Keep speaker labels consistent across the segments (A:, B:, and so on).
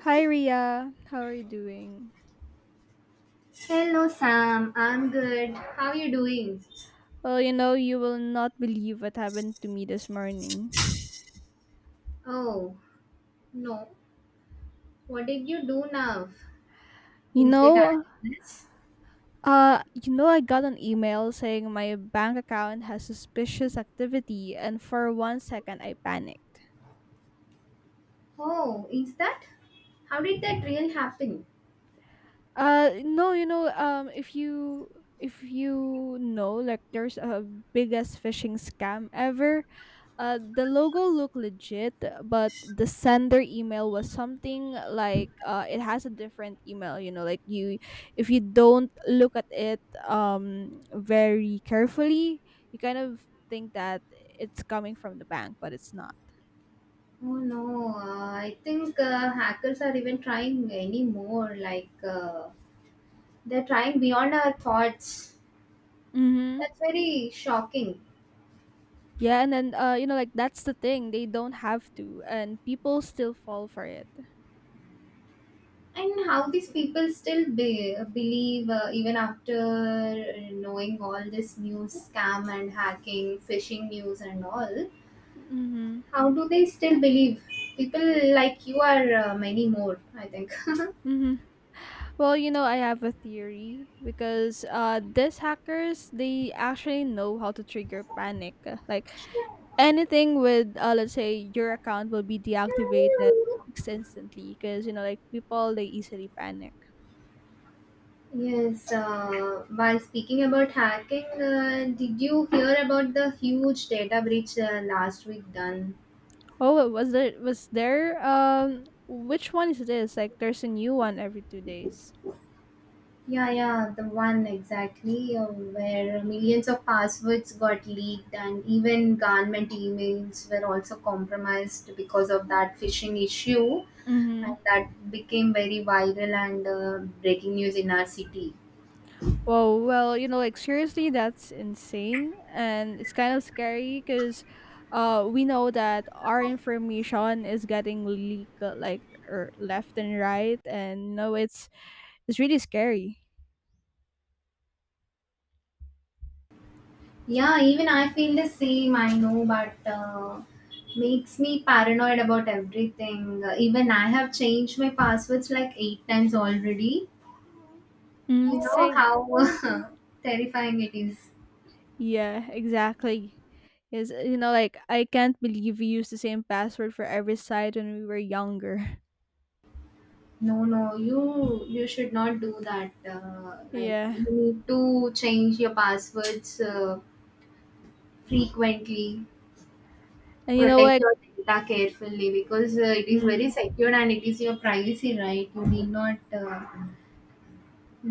A: Hi Ria, how are you doing?
B: Hello, Sam. I'm good. How you doing?
A: Well, you know, you will not believe what happened to me this morning.
B: Oh, no. What did you do now?
A: You
B: Is that
A: know,
B: illness?
A: you know, I got an email saying my bank account has suspicious activity, and for 1 second, I panicked.
B: Oh, is that? How did that really happen?
A: No, you know, if you know, like, there's a biggest phishing scam ever. The logo looked legit, but the sender email was something like it has a different email. You know, like if you don't look at it very carefully, you kind of think that it's coming from the bank, but it's not.
B: Oh no, I think hackers are even trying anymore. Like they're trying beyond our thoughts.
A: Mm-hmm.
B: That's very shocking.
A: Yeah, and then you know, like that's the thing. They don't have to, and people still fall for it.
B: And how these people still believe even after knowing all this news scam and hacking phishing news and all,
A: Mm-hmm.
B: how do they still believe people like you are many more, I think.
A: hmm Well, you know, I have a theory because these hackers, they actually know how to trigger panic. Like anything with, let's say, your account will be deactivated instantly because you know, like people, they easily panic.
B: Yes, while speaking about hacking, did you hear about the huge data breach last week done?
A: Oh, was there which one is this? Like, there's a new one every 2 days.
B: Yeah, yeah, the one exactly where millions of passwords got leaked and even government emails were also compromised because of that phishing issue, and
A: Mm-hmm.
B: that became very viral and breaking news in our city.
A: Whoa, well, you know, like seriously, that's insane. And it's kind of scary because we know that our information is getting leaked like left and right. And you know, it's really scary.
B: Yeah, even I feel the same, I know, but makes me paranoid about everything. Even I have changed my passwords like eight times already.
A: Mm,
B: You know
A: same.
B: how terrifying it is.
A: Yeah, exactly. Is You know, like I can't believe we used the same password for every site when we were younger.
B: No, no, you should not do that. Like
A: Yeah.
B: you need to change your passwords frequently.
A: And you know,
B: Protect
A: like,
B: your data carefully because it is very secure and it is your privacy, right? You need not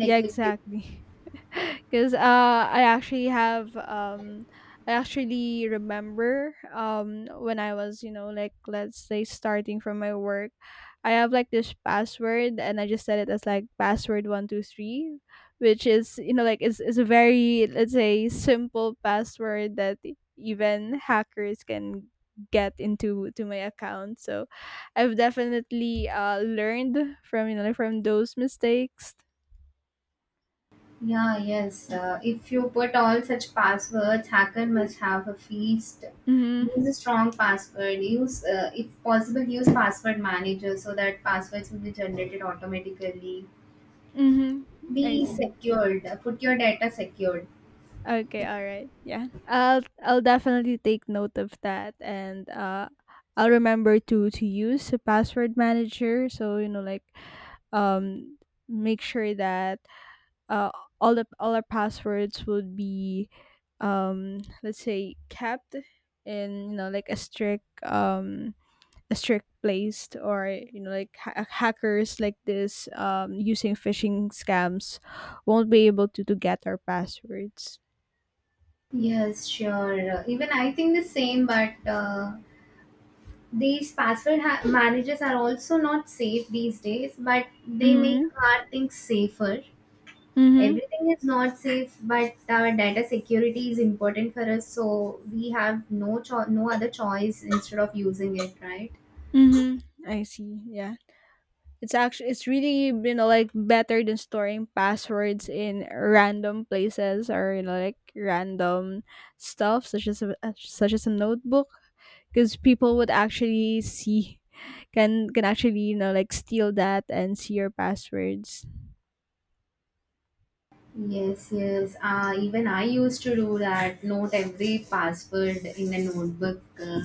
A: yeah,
B: it.
A: exactly. Because I actually remember when I was, you know, like, let's say, starting from my work, I have like this password and I just set it as like password 123, which is, you know, like it's is a very, let's say, simple password that even hackers can get into to my account. So I've definitely learned from, you know, like, from those mistakes.
B: Yeah, yes. If you put all such passwords, hacker must have a feast.
A: Mm-hmm.
B: Use a strong password. Use, if possible, use password manager so that passwords will be generated automatically.
A: Mhm. I
B: Be
A: see.
B: secured. Put your data secured.
A: Okay, all right. Yeah. I'll definitely take note of that, and I'll remember to use a password manager, so you know like, um make sure that uh all the all our passwords would be, let's say, kept in, you know, like a strict, strict placed, or you know like hackers like this, using phishing scams won't be able to get our passwords.
B: Yes, sure. Even I think the same, but these password managers are also not safe these days, but they make
A: mm-hmm
B: our things safer.
A: mm-hmm
B: Everything is not safe, but our data security is important for us, so we have no no other choice instead of using it, right?
A: mm-hmm I see. Yeah. It's actually it's really, you know, like, better than storing passwords in random places, or you know like random stuff such as such as a notebook, because people would actually see, can actually, you know, like, steal that and see your passwords.
B: Yes, yes. Even I used to do that. Note every password in a notebook.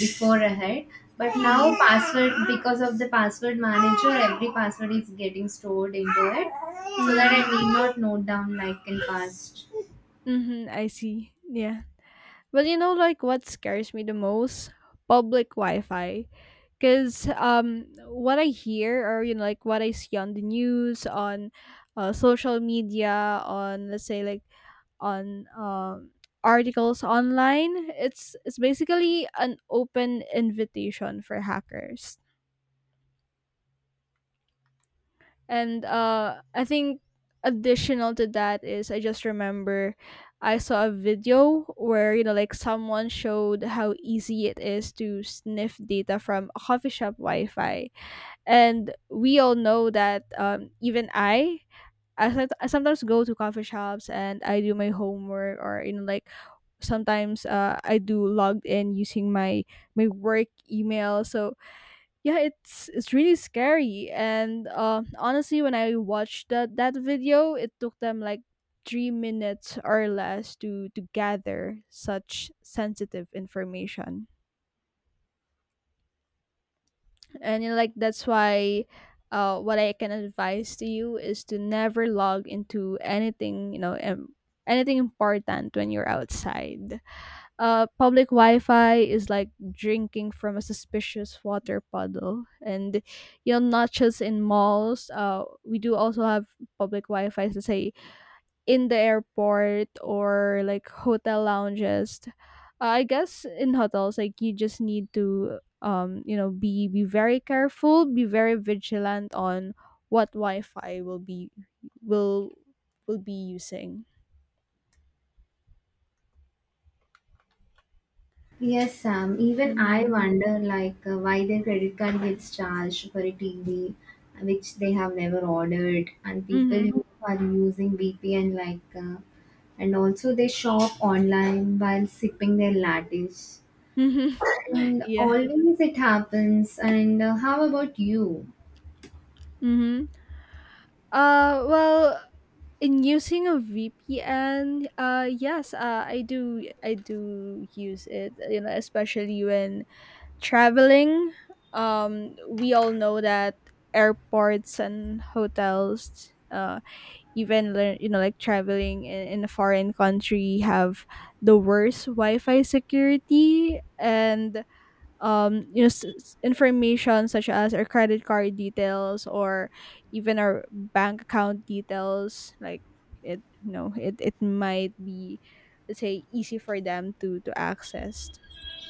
B: Before ahead, but now password, because of the password manager, every password is getting stored into it, so that I
A: Mm-hmm.
B: need not note down like in past.
A: Mm-hmm. I see. Yeah. Well, you know, like, what scares me the most? Public Wi-Fi. Because what I hear, or you know, like what I see on the news, on social media, on, let's say, like, on articles online, it's basically an open invitation for hackers. And I think additional to that is I just remember I saw a video where you know like someone showed how easy it is to sniff data from a coffee shop Wi-Fi, and we all know that, even I sometimes go to coffee shops and I do my homework, or you know like sometimes I do logged in using my work email. So yeah, it's really scary, and honestly, when I watched that video, it took them like 3 minutes or less to gather such sensitive information. And you know, like, that's why, what I can advise to you is to never log into anything, you know, anything important when you're outside. Public Wi-Fi is like drinking from a suspicious water puddle, and you know, not just in malls, we do also have public Wi-Fi, to say, in the airport or like hotel lounges. I guess in hotels, like, you just need to, you know, be very careful, be very vigilant on what Wi-Fi will will be using.
B: Yes, Sam, even I
A: Mm-hmm.
B: wonder like, why their credit card gets charged for a TV which they have never ordered, and people
A: Mm-hmm.
B: who are using VPN like, and also they shop online while sipping their lattes,
A: Mm-hmm.
B: and
A: Yeah.
B: always it happens. And how about you?
A: Mm-hmm. Well, in using a VPN, yes, I do use it. You know, especially when traveling. We all know that airports and hotels, even you know, like, traveling in a foreign country, have the worst Wi-Fi security, and you know information such as our credit card details or even our bank account details, like, it you know, it might be, let's say, easy for them to access.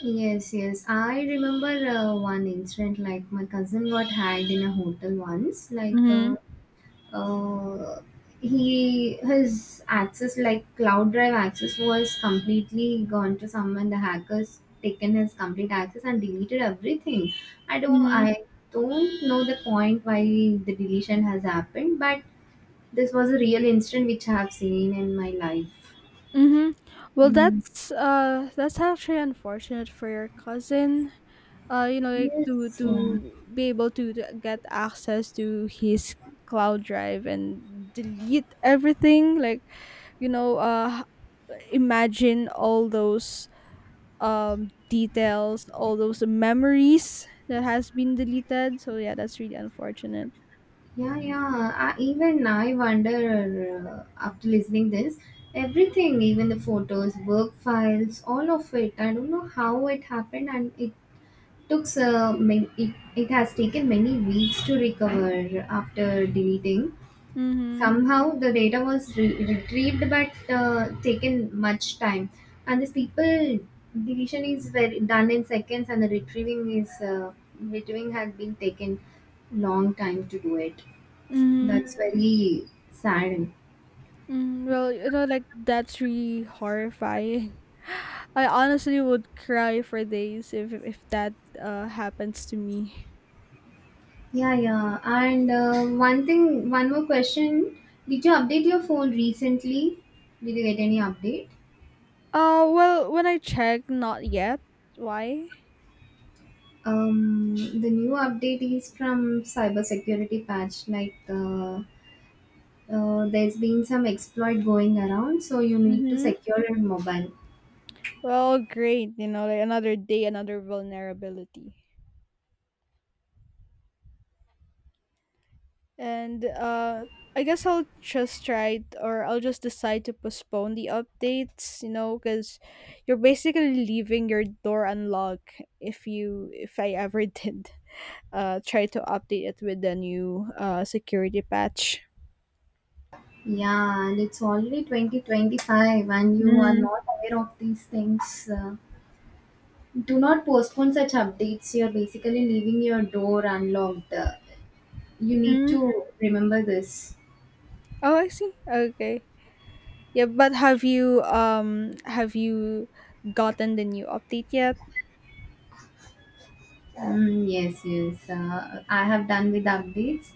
B: Yes, yes. I remember one incident like my cousin got hacked in a hotel once. Like
A: Mm-hmm.
B: uh, he, his access, like cloud drive access, was completely gone to someone. The hackers taken his complete access and deleted everything. I don't,
A: Mm-hmm.
B: I don't know the point why the deletion has happened, but this was a real incident which I have seen in my life.
A: Mm-hmm. Well,
B: Mm.
A: that's actually unfortunate for your cousin, you know, like,
B: Yes. Yeah.
A: to be able to get access to his cloud drive and delete everything. Like, you know, imagine all those details, all those memories that has been deleted. So yeah, that's really unfortunate.
B: Yeah, yeah. Even I wonder after listening this everything, even the photos, work files, all of it. I don't know how it happened, and it took it has taken many weeks to recover after deleting.
A: Mm-hmm.
B: Somehow the data was retrieved, but taken much time. And these people, deletion is very done in seconds, and the retrieving is retrieving had been taken long time to do it.
A: Mm-hmm.
B: That's very sad.
A: Mm-hmm. Well, you know, like, that's really horrifying. I honestly would cry for days if that happens to me.
B: Yeah, yeah. And one thing, one more question. Did you update your phone recently? Did you get any update?
A: Well, when I check, not yet. Why?
B: The new update is from cybersecurity patch. Like, there's been some exploit going around, so you need to
A: Mm-hmm.
B: secure your mobile.
A: Well, great. You know, like, another day, another vulnerability. And I guess I'll just try, or I'll just decide to postpone the updates. You know, because you're basically leaving your door unlocked if if I ever did, try to update it with the new security patch.
B: Yeah, and it's already 2025, and you are
A: Mm-hmm.
B: not aware of these things. Do not postpone such updates. You're basically leaving your door unlocked. You need to remember this.
A: Oh, I see. Okay. Yeah, but have you gotten the new update yet?
B: Mm, yes, yes. I have done with updates,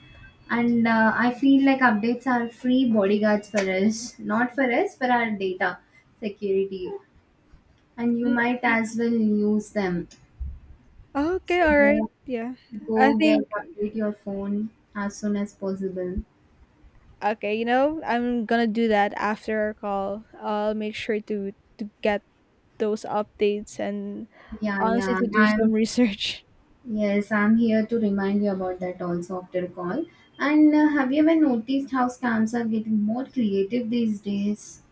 B: and I feel like updates are free bodyguards for us, not for us, for our data security. And you
A: N-
B: might as well use them. So
A: Okay, all right.
B: go,
A: Yeah. I
B: go get
A: think
B: update your phone as soon as possible.
A: okay, you know, I'm going to do that after our call. I'll make sure to get those updates, and
B: Yeah,
A: honestly,
B: yeah.
A: to do some
B: I'm—
A: research.
B: yes, I'm here to remind you about that also after a call. And have you ever noticed how scams are getting more creative these days?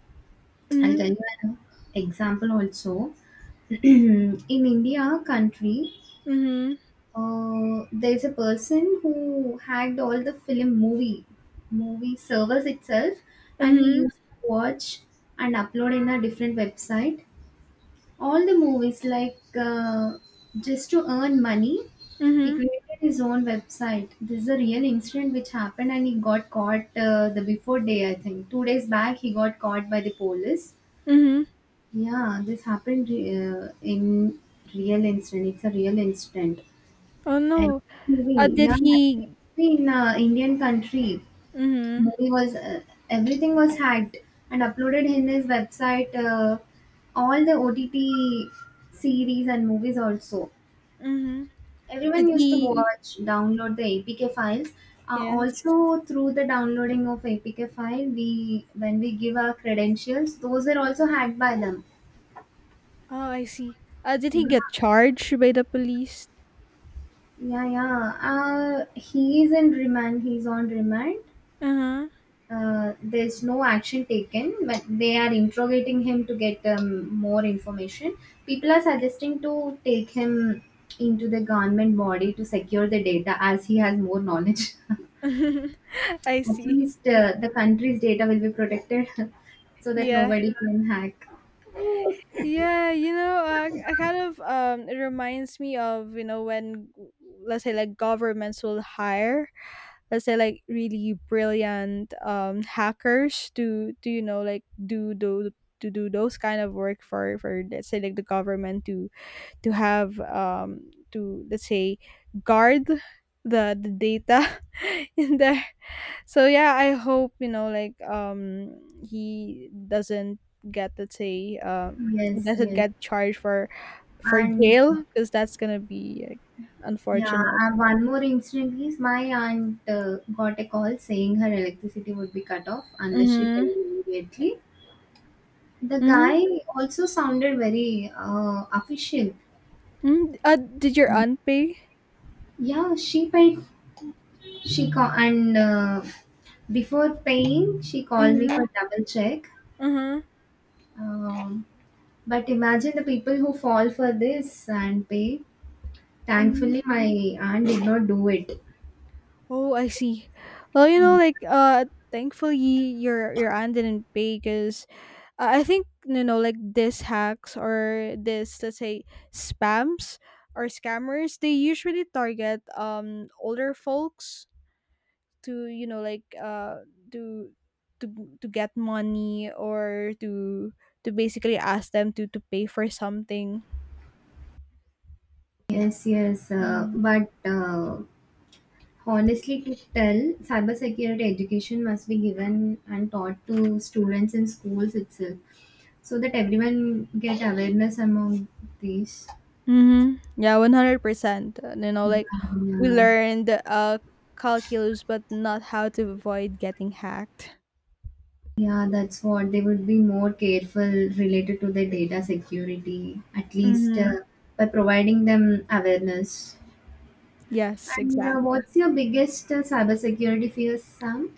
B: I'll tell
A: Mhm.
B: you an example also. In India country,
A: Mhm.
B: there's a person who hacked all the film movie movie servers itself, and he
A: Mhm.
B: used to watch and upload in a different website all the movies like, just to earn money. He
A: Mhm.
B: created his own website. This is a real incident which happened, and he got caught. The before day, I think 2 days back he got caught by the police.
A: Mhm.
B: Yeah, this happened in real incident. It's a real incident.
A: Oh
B: And
A: no.
B: movie,
A: Did
B: yeah, every
A: he
B: movie in Indian country,
A: Mhm.
B: movie was everything was hacked and uploaded in his website. All the OTT series and movies also,
A: Mhm. Did
B: everyone used to
A: he
B: watch, download the APK files.
A: Yes.
B: Also through the downloading of APK file, we when we give our credentials, those were also hacked by them.
A: Oh, I see. Did he
B: Yeah.
A: get charged by the police?
B: Yeah, yeah. He is in remand, he's on remand.
A: Uh-huh.
B: There's no action taken, but they are interrogating him to get more information. People are suggesting to take him into the government body to secure the data, as he has more knowledge.
A: I
B: At
A: see.
B: least
A: Yeah.
B: the country's data will be protected so that
A: Yeah.
B: nobody can hack.
A: Yeah, you know, I kind of it reminds me of, you know, when let's say, like, governments will hire, let's say, like, really brilliant hackers to you know like do those kind of work for, let's say, like the government to have, to, let's say, guard the data in the. So yeah, I hope you know, like, he doesn't get, let's say, he
B: Yes,
A: doesn't
B: yes.
A: get charged for
B: And
A: jail, because that's gonna be like,
B: yeah,
A: unfortunate.
B: one more incident is my aunt got a call saying her electricity would be cut off unless she
A: Mm-hmm.
B: paid immediately. The
A: Mm-hmm.
B: guy also sounded very official.
A: Mm. Uh, did your
B: Uh,
A: aunt pay?
B: Yeah, she paid. She call and before paying, she called me
A: Mm-hmm.
B: for double check.
A: Mm-hmm.
B: Um, but imagine the people who fall for this and pay.
A: Mm-hmm.
B: Thankfully, my aunt did not do it.
A: Oh, I see. Well, you know, like, thankfully your aunt didn't pay, because I think you know like, these hacks, or this, let's say, spams or scammers, they usually target older folks, to you know like, to to to get money, or to basically ask them to pay for something.
B: Yes, yes.
A: Mm.
B: But honestly, to tell, cybersecurity education must be given and taught to students in schools itself, so that everyone get awareness among these.
A: Mhm. Yeah, 100%. You know, like, we
B: Yeah,
A: learned calculus, but not how to avoid getting hacked.
B: yeah, that's what. They would be more careful related to their data security, at least
A: Mhm.
B: by providing them awareness.
A: Yes,
B: And
A: exactly.
B: what's your biggest cybersecurity fear, Sam?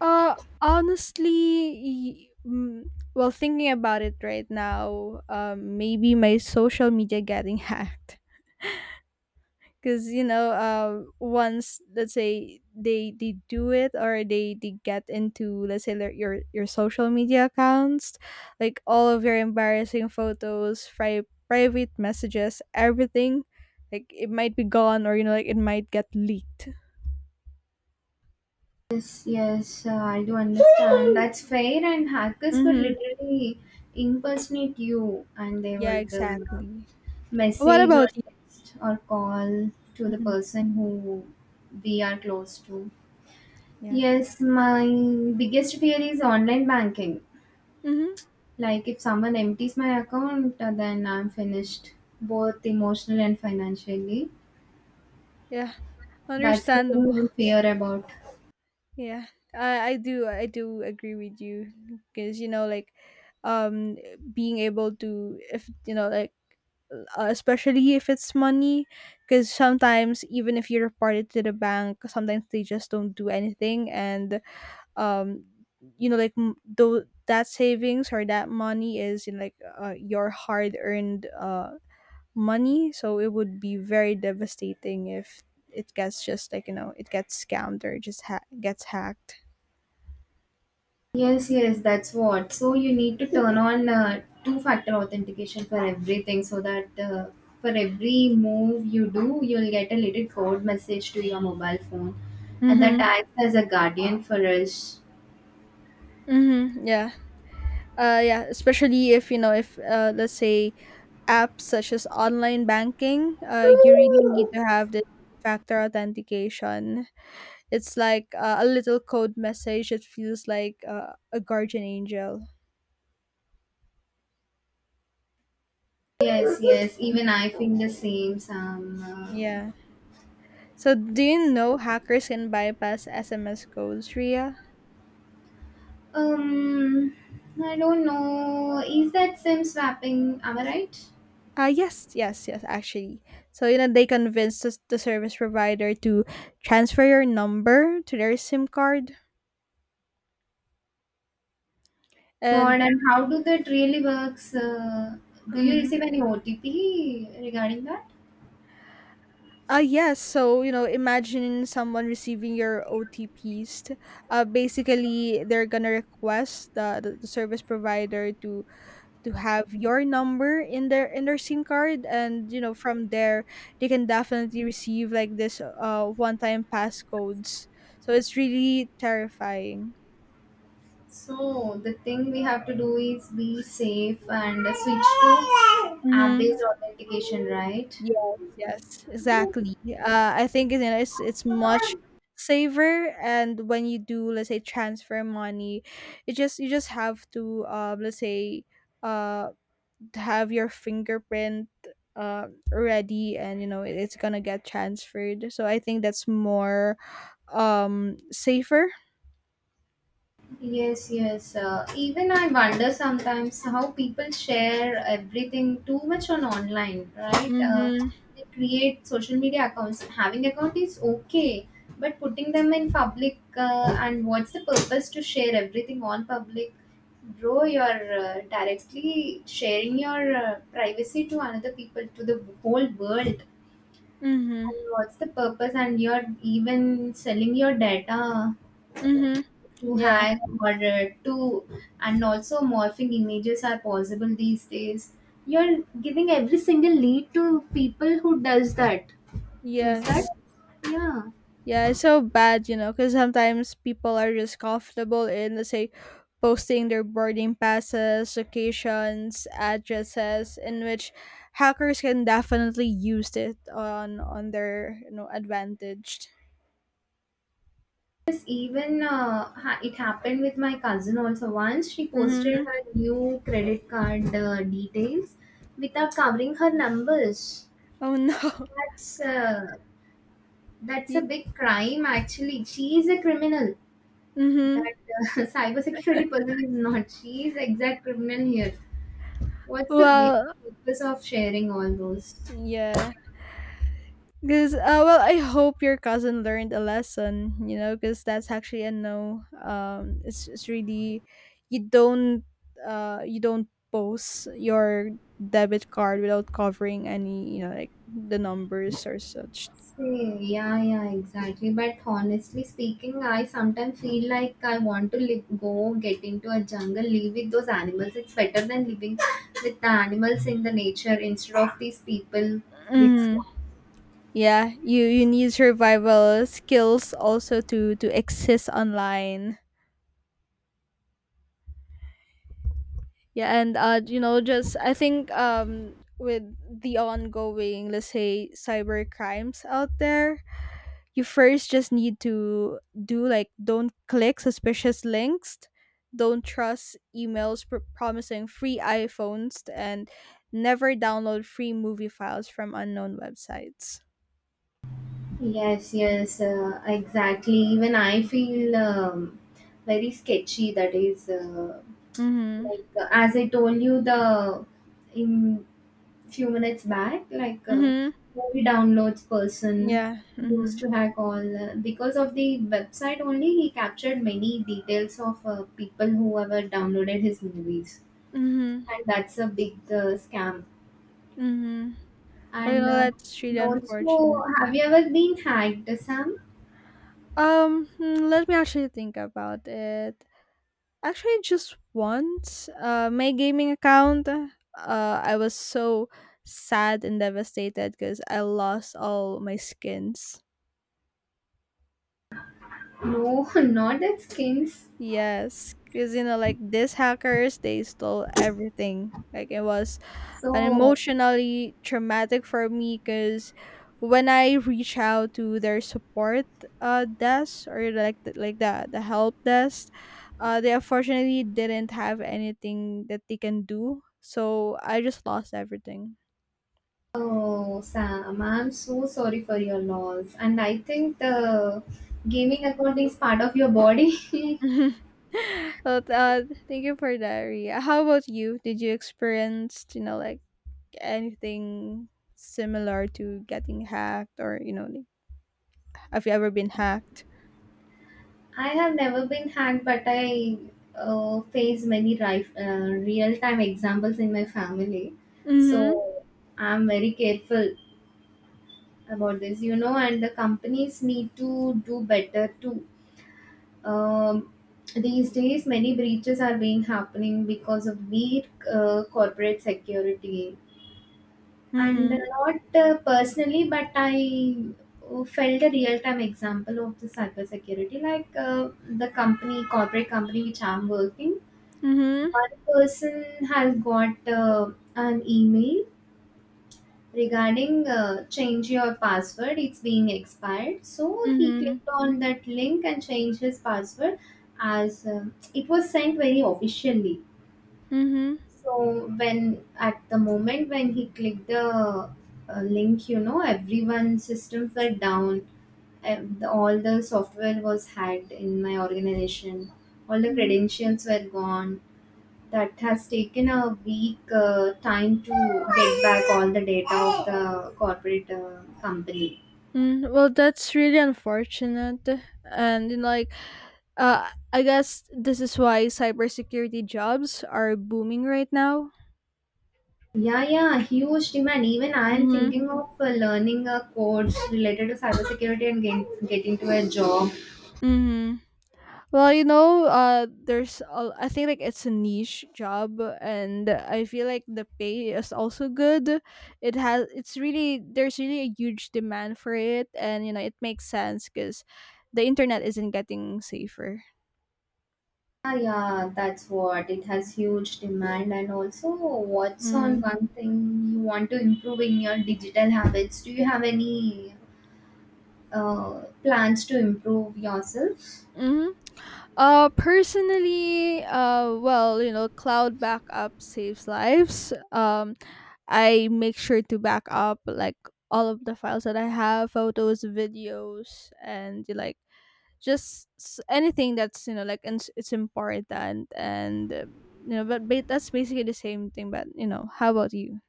A: Uh, honestly, mm, well, thinking about it right now, maybe my social media getting hacked. Because you know, once, let's say, they do it, or they get into, let's say, your social media accounts, like, all of your embarrassing photos, private messages, everything, like, it might be gone, or you know like, it might get leaked.
B: Yes, yes, I do understand. That's fair, and hackers could
A: Mm-hmm.
B: literally impersonate you, and they
A: Yeah,
B: would
A: exactly. What
B: message or
A: about you?
B: text or call to the
A: Mhm.
B: person who we are close to.
A: Yeah.
B: Yes, my biggest fear is online banking.
A: Mm-hmm.
B: Like, if someone empties my account, then I'm finished, both emotional and financially.
A: Yeah,
B: That's the thing
A: understandable.
B: I fear about.
A: Yeah, I do agree with you, because you know like, um, being able to if you know like, especially if it's money, because sometimes even if you report it to the bank, sometimes they just don't do anything, and um you know like, though that savings or that money is in like, your hard earned money, so it would be very devastating if it gets just, like, you know, it gets scammed, or just gets hacked.
B: Yes, yes, that's what. So you need to turn on two-factor authentication for everything so that for every move you do, you'll get a little code message to your mobile phone, and that
A: Mm-hmm.
B: acts as a guardian for us.
A: Mm-hmm. Yeah. Yeah. Especially if you know, if let's say, apps such as online banking, you really need to have this factor authentication. It's like, a little code message. It feels like, a guardian angel.
B: Yes, yes, even I think the same, Sam.
A: Yeah. So do you know hackers can bypass SMS codes, Ria?
B: Um, I don't know. Is that SIM swapping? Am I right?
A: Yes, actually. So, you know, they convinced the service provider to transfer your number to their SIM card. And,
B: God, and how do that really works? Do you
A: mm,
B: receive any OTP regarding that?
A: yes, so, you know, imagine someone receiving your OTPs. Basically, they're gonna request the service provider to have your number in their SIM card. And, you know, from there, they can definitely receive like this one time passcodes. So it's really terrifying.
B: So the thing we have to do is be safe and switch to
A: Mm-hmm.
B: app-based authentication, right?
A: Yes, yes, exactly. I think you know it's much safer, and when you do, let's say, transfer money, it just you just have to, let's say, uh, to have your fingerprint, ready, and you know it's gonna get transferred. So I think that's more safer.
B: Yes, yes. Even I wonder sometimes how people share everything too much on online, right?
A: Mm-hmm.
B: They create social media accounts. Having account is okay, but putting them in public, and what's the purpose to share everything on public? Bro, you're directly sharing your privacy to another people, to the whole world.
A: Mm-hmm.
B: And what's the purpose? And you're even selling your data
A: Mm-hmm.
B: too
A: Yeah.
B: high or too, and also morphing images are possible these days. You're giving every single lead to people who does that, is that?
A: Yes.
B: Yeah.
A: Yeah, it's so bad, you know, because sometimes people are just comfortable in, let's say, posting their boarding passes, locations, addresses, in which hackers can definitely use it on on their advantage.
B: Yes, even it happened with my cousin also. Once she posted
A: Mm-hmm.
B: her new credit card details without covering her numbers.
A: Oh no.
B: That's that's a
A: Yeah.
B: big crime. Actually, she is a criminal. That
A: Mm-hmm.
B: cybersecurity person is not. She is exact criminal here. What's the main
A: Well,
B: purpose of sharing all those?
A: yeah. Because, well, I hope your cousin learned a lesson, you know, because that's actually a no. It's really, you don't, you don't post your debit card without covering any, you know, like the numbers or such.
B: See, yeah, yeah, exactly. But honestly speaking, I sometimes feel like I want to live, go get into a jungle, live with those animals. It's better than living with the animals in the nature instead of these people with.
A: Mm, yeah, you need survival skills also to exist online. Yeah, and, you know, just, I think, with the ongoing, let's say, cyber crimes out there, you first just need to do like, don't click suspicious links, don't trust emails promising free iPhones, and never download free movie files from unknown websites.
B: Yes, yes, exactly. Even I feel very sketchy. That is.
A: Mm-hmm.
B: Like as I told you, the in few minutes back, like
A: Mm-hmm.
B: movie downloads person
A: Yeah.
B: used
A: Mm-hmm.
B: to hack all. Because of the website only, he captured many details of people who ever downloaded his movies,
A: Mm-hmm.
B: and that's a big scam.
A: Mm-hmm. Well, you
B: And
A: know, that's really
B: and also,
A: unfortunate.
B: have you ever been hacked, Sam?
A: Um hmm, let me actually think about it. Actually, just once, my gaming account, I was so sad and devastated because I lost all my skins.
B: No, not at skins,
A: Yes, because you know, like these hackers, they stole everything. Like it was and
B: so—
A: emotionally traumatic for me because when I reach out to their support desk, or like like the help desk, they unfortunately didn't have anything that they can do. So I just lost everything.
B: Oh, Sam, I'm so sorry for your loss. And I think the gaming account is part of your body.
A: Well, uh, thank you for that, Ria. How about you? Did you experience, you know, like anything similar to getting hacked, or, you know, like, have you ever been hacked?
B: I have never been hacked, but I face many real-time examples in my family.
A: Mm-hmm.
B: So I'm very careful about this, you know, and the companies need to do better too. Um, these days, many breaches are being happening because of weak corporate security, and
A: Mm-hmm.
B: not personally, but I felt a real-time example of the cybersecurity, like the company corporate company which I'm working,
A: Mm-hmm.
B: one person has got an email regarding, change your password, it's being expired. So he
A: Mhm.
B: clicked on that link and changed his password, as it was sent very officially.
A: Mhm.
B: So when at the moment when he clicked the link, you know, everyone's systems were down. All the software was hacked in my organization. All the
A: Mhm.
B: credentials were gone. That has taken a week time to get back all the data of the corporate company.
A: Mm, well, that's really unfortunate, and in like, I guess this is why cybersecurity jobs are booming right now.
B: Yeah, yeah, huge demand. Even I am
A: Mhm.
B: thinking of learning a course related to cybersecurity and get into a job.
A: Mhm. Well, you know, there's a, I think like it's a niche job, and I feel like the pay is also good. It's really, there's really a huge demand for it, and you know, it makes sense because the internet isn't getting safer.
B: Ah, yeah, that's what. It has huge demand. And also, what's on
A: Mhm.
B: one thing you want to improve in your digital habits? Do you have any plans to improve yourself?
A: Mhm. Personally, well, you know, cloud backup saves lives. I make sure to back up like all of the files that I have, photos, videos, and like just anything that's you know like and it's important, and you know, but that's basically the same thing. But you know, how about you?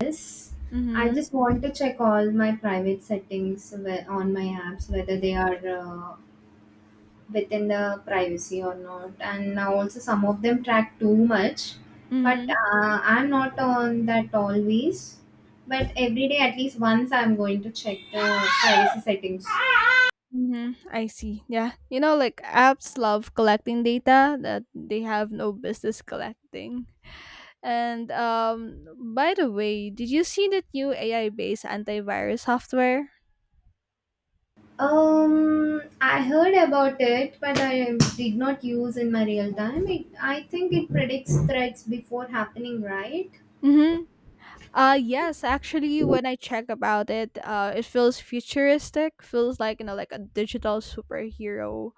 B: Yes. I
A: Mm-hmm.
B: just want to check all my private settings on my apps, whether they are uh, within the privacy or not, and now also some of them track too much, but
A: Mm-hmm.
B: I'm not on that always. But every day, at least once, I'm going to check the privacy settings.
A: Mm-hmm. I see. Yeah. You know, like apps love collecting data that they have no business collecting. And by the way, did you see that new AI-based antivirus software?
B: I heard about it, but I did not use in my real time. I think it predicts threats before happening, right?
A: Mm-hmm. Yes, actually, when I check about it, it feels futuristic, feels like, you know, like a digital superhero.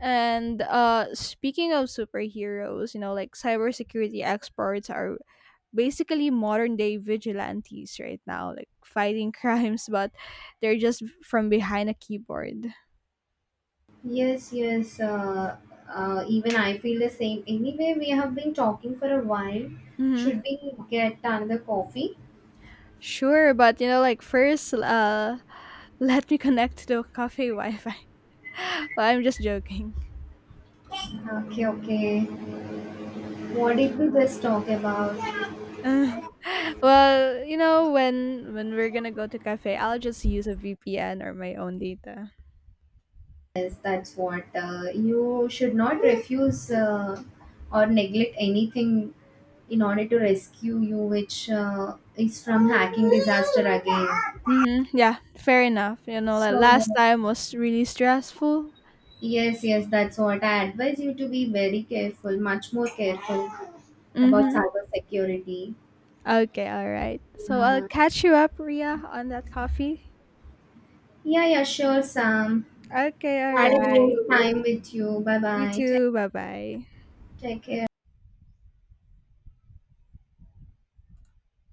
A: And speaking of superheroes, you know, like cybersecurity experts are basically modern day vigilantes right now, like fighting crimes, but they're just from behind a keyboard.
B: Yes, yes. Even I feel the same. Anyway, we have been talking for a while. Should
A: Mm-hmm.
B: we get another coffee?
A: Sure, but you know, like first, let me connect to the cafe Wi-Fi. Well, I'm just joking.
B: Okay, okay. What did we just talk about?
A: Well, you know, when we're gonna go to cafe, I'll just use a VPN or my own data.
B: Yes, that's what. You should not refuse or neglect anything in order to rescue you, which is from hacking disaster again.
A: Mm-hmm. Yeah, fair enough. You know, like
B: So,
A: last time was really stressful.
B: yes, yes, that's what. I advise you to be very careful, much more careful about
A: Mm-hmm.
B: cyber security.
A: Okay, all right. So I'll
B: Uh,
A: catch you up, Ria, on that coffee.
B: yeah, yeah, sure, Sam.
A: Okay, all
B: Had a great
A: right.
B: time with you. Bye
A: You
B: bye. Take,
A: too. Bye bye.
B: take care.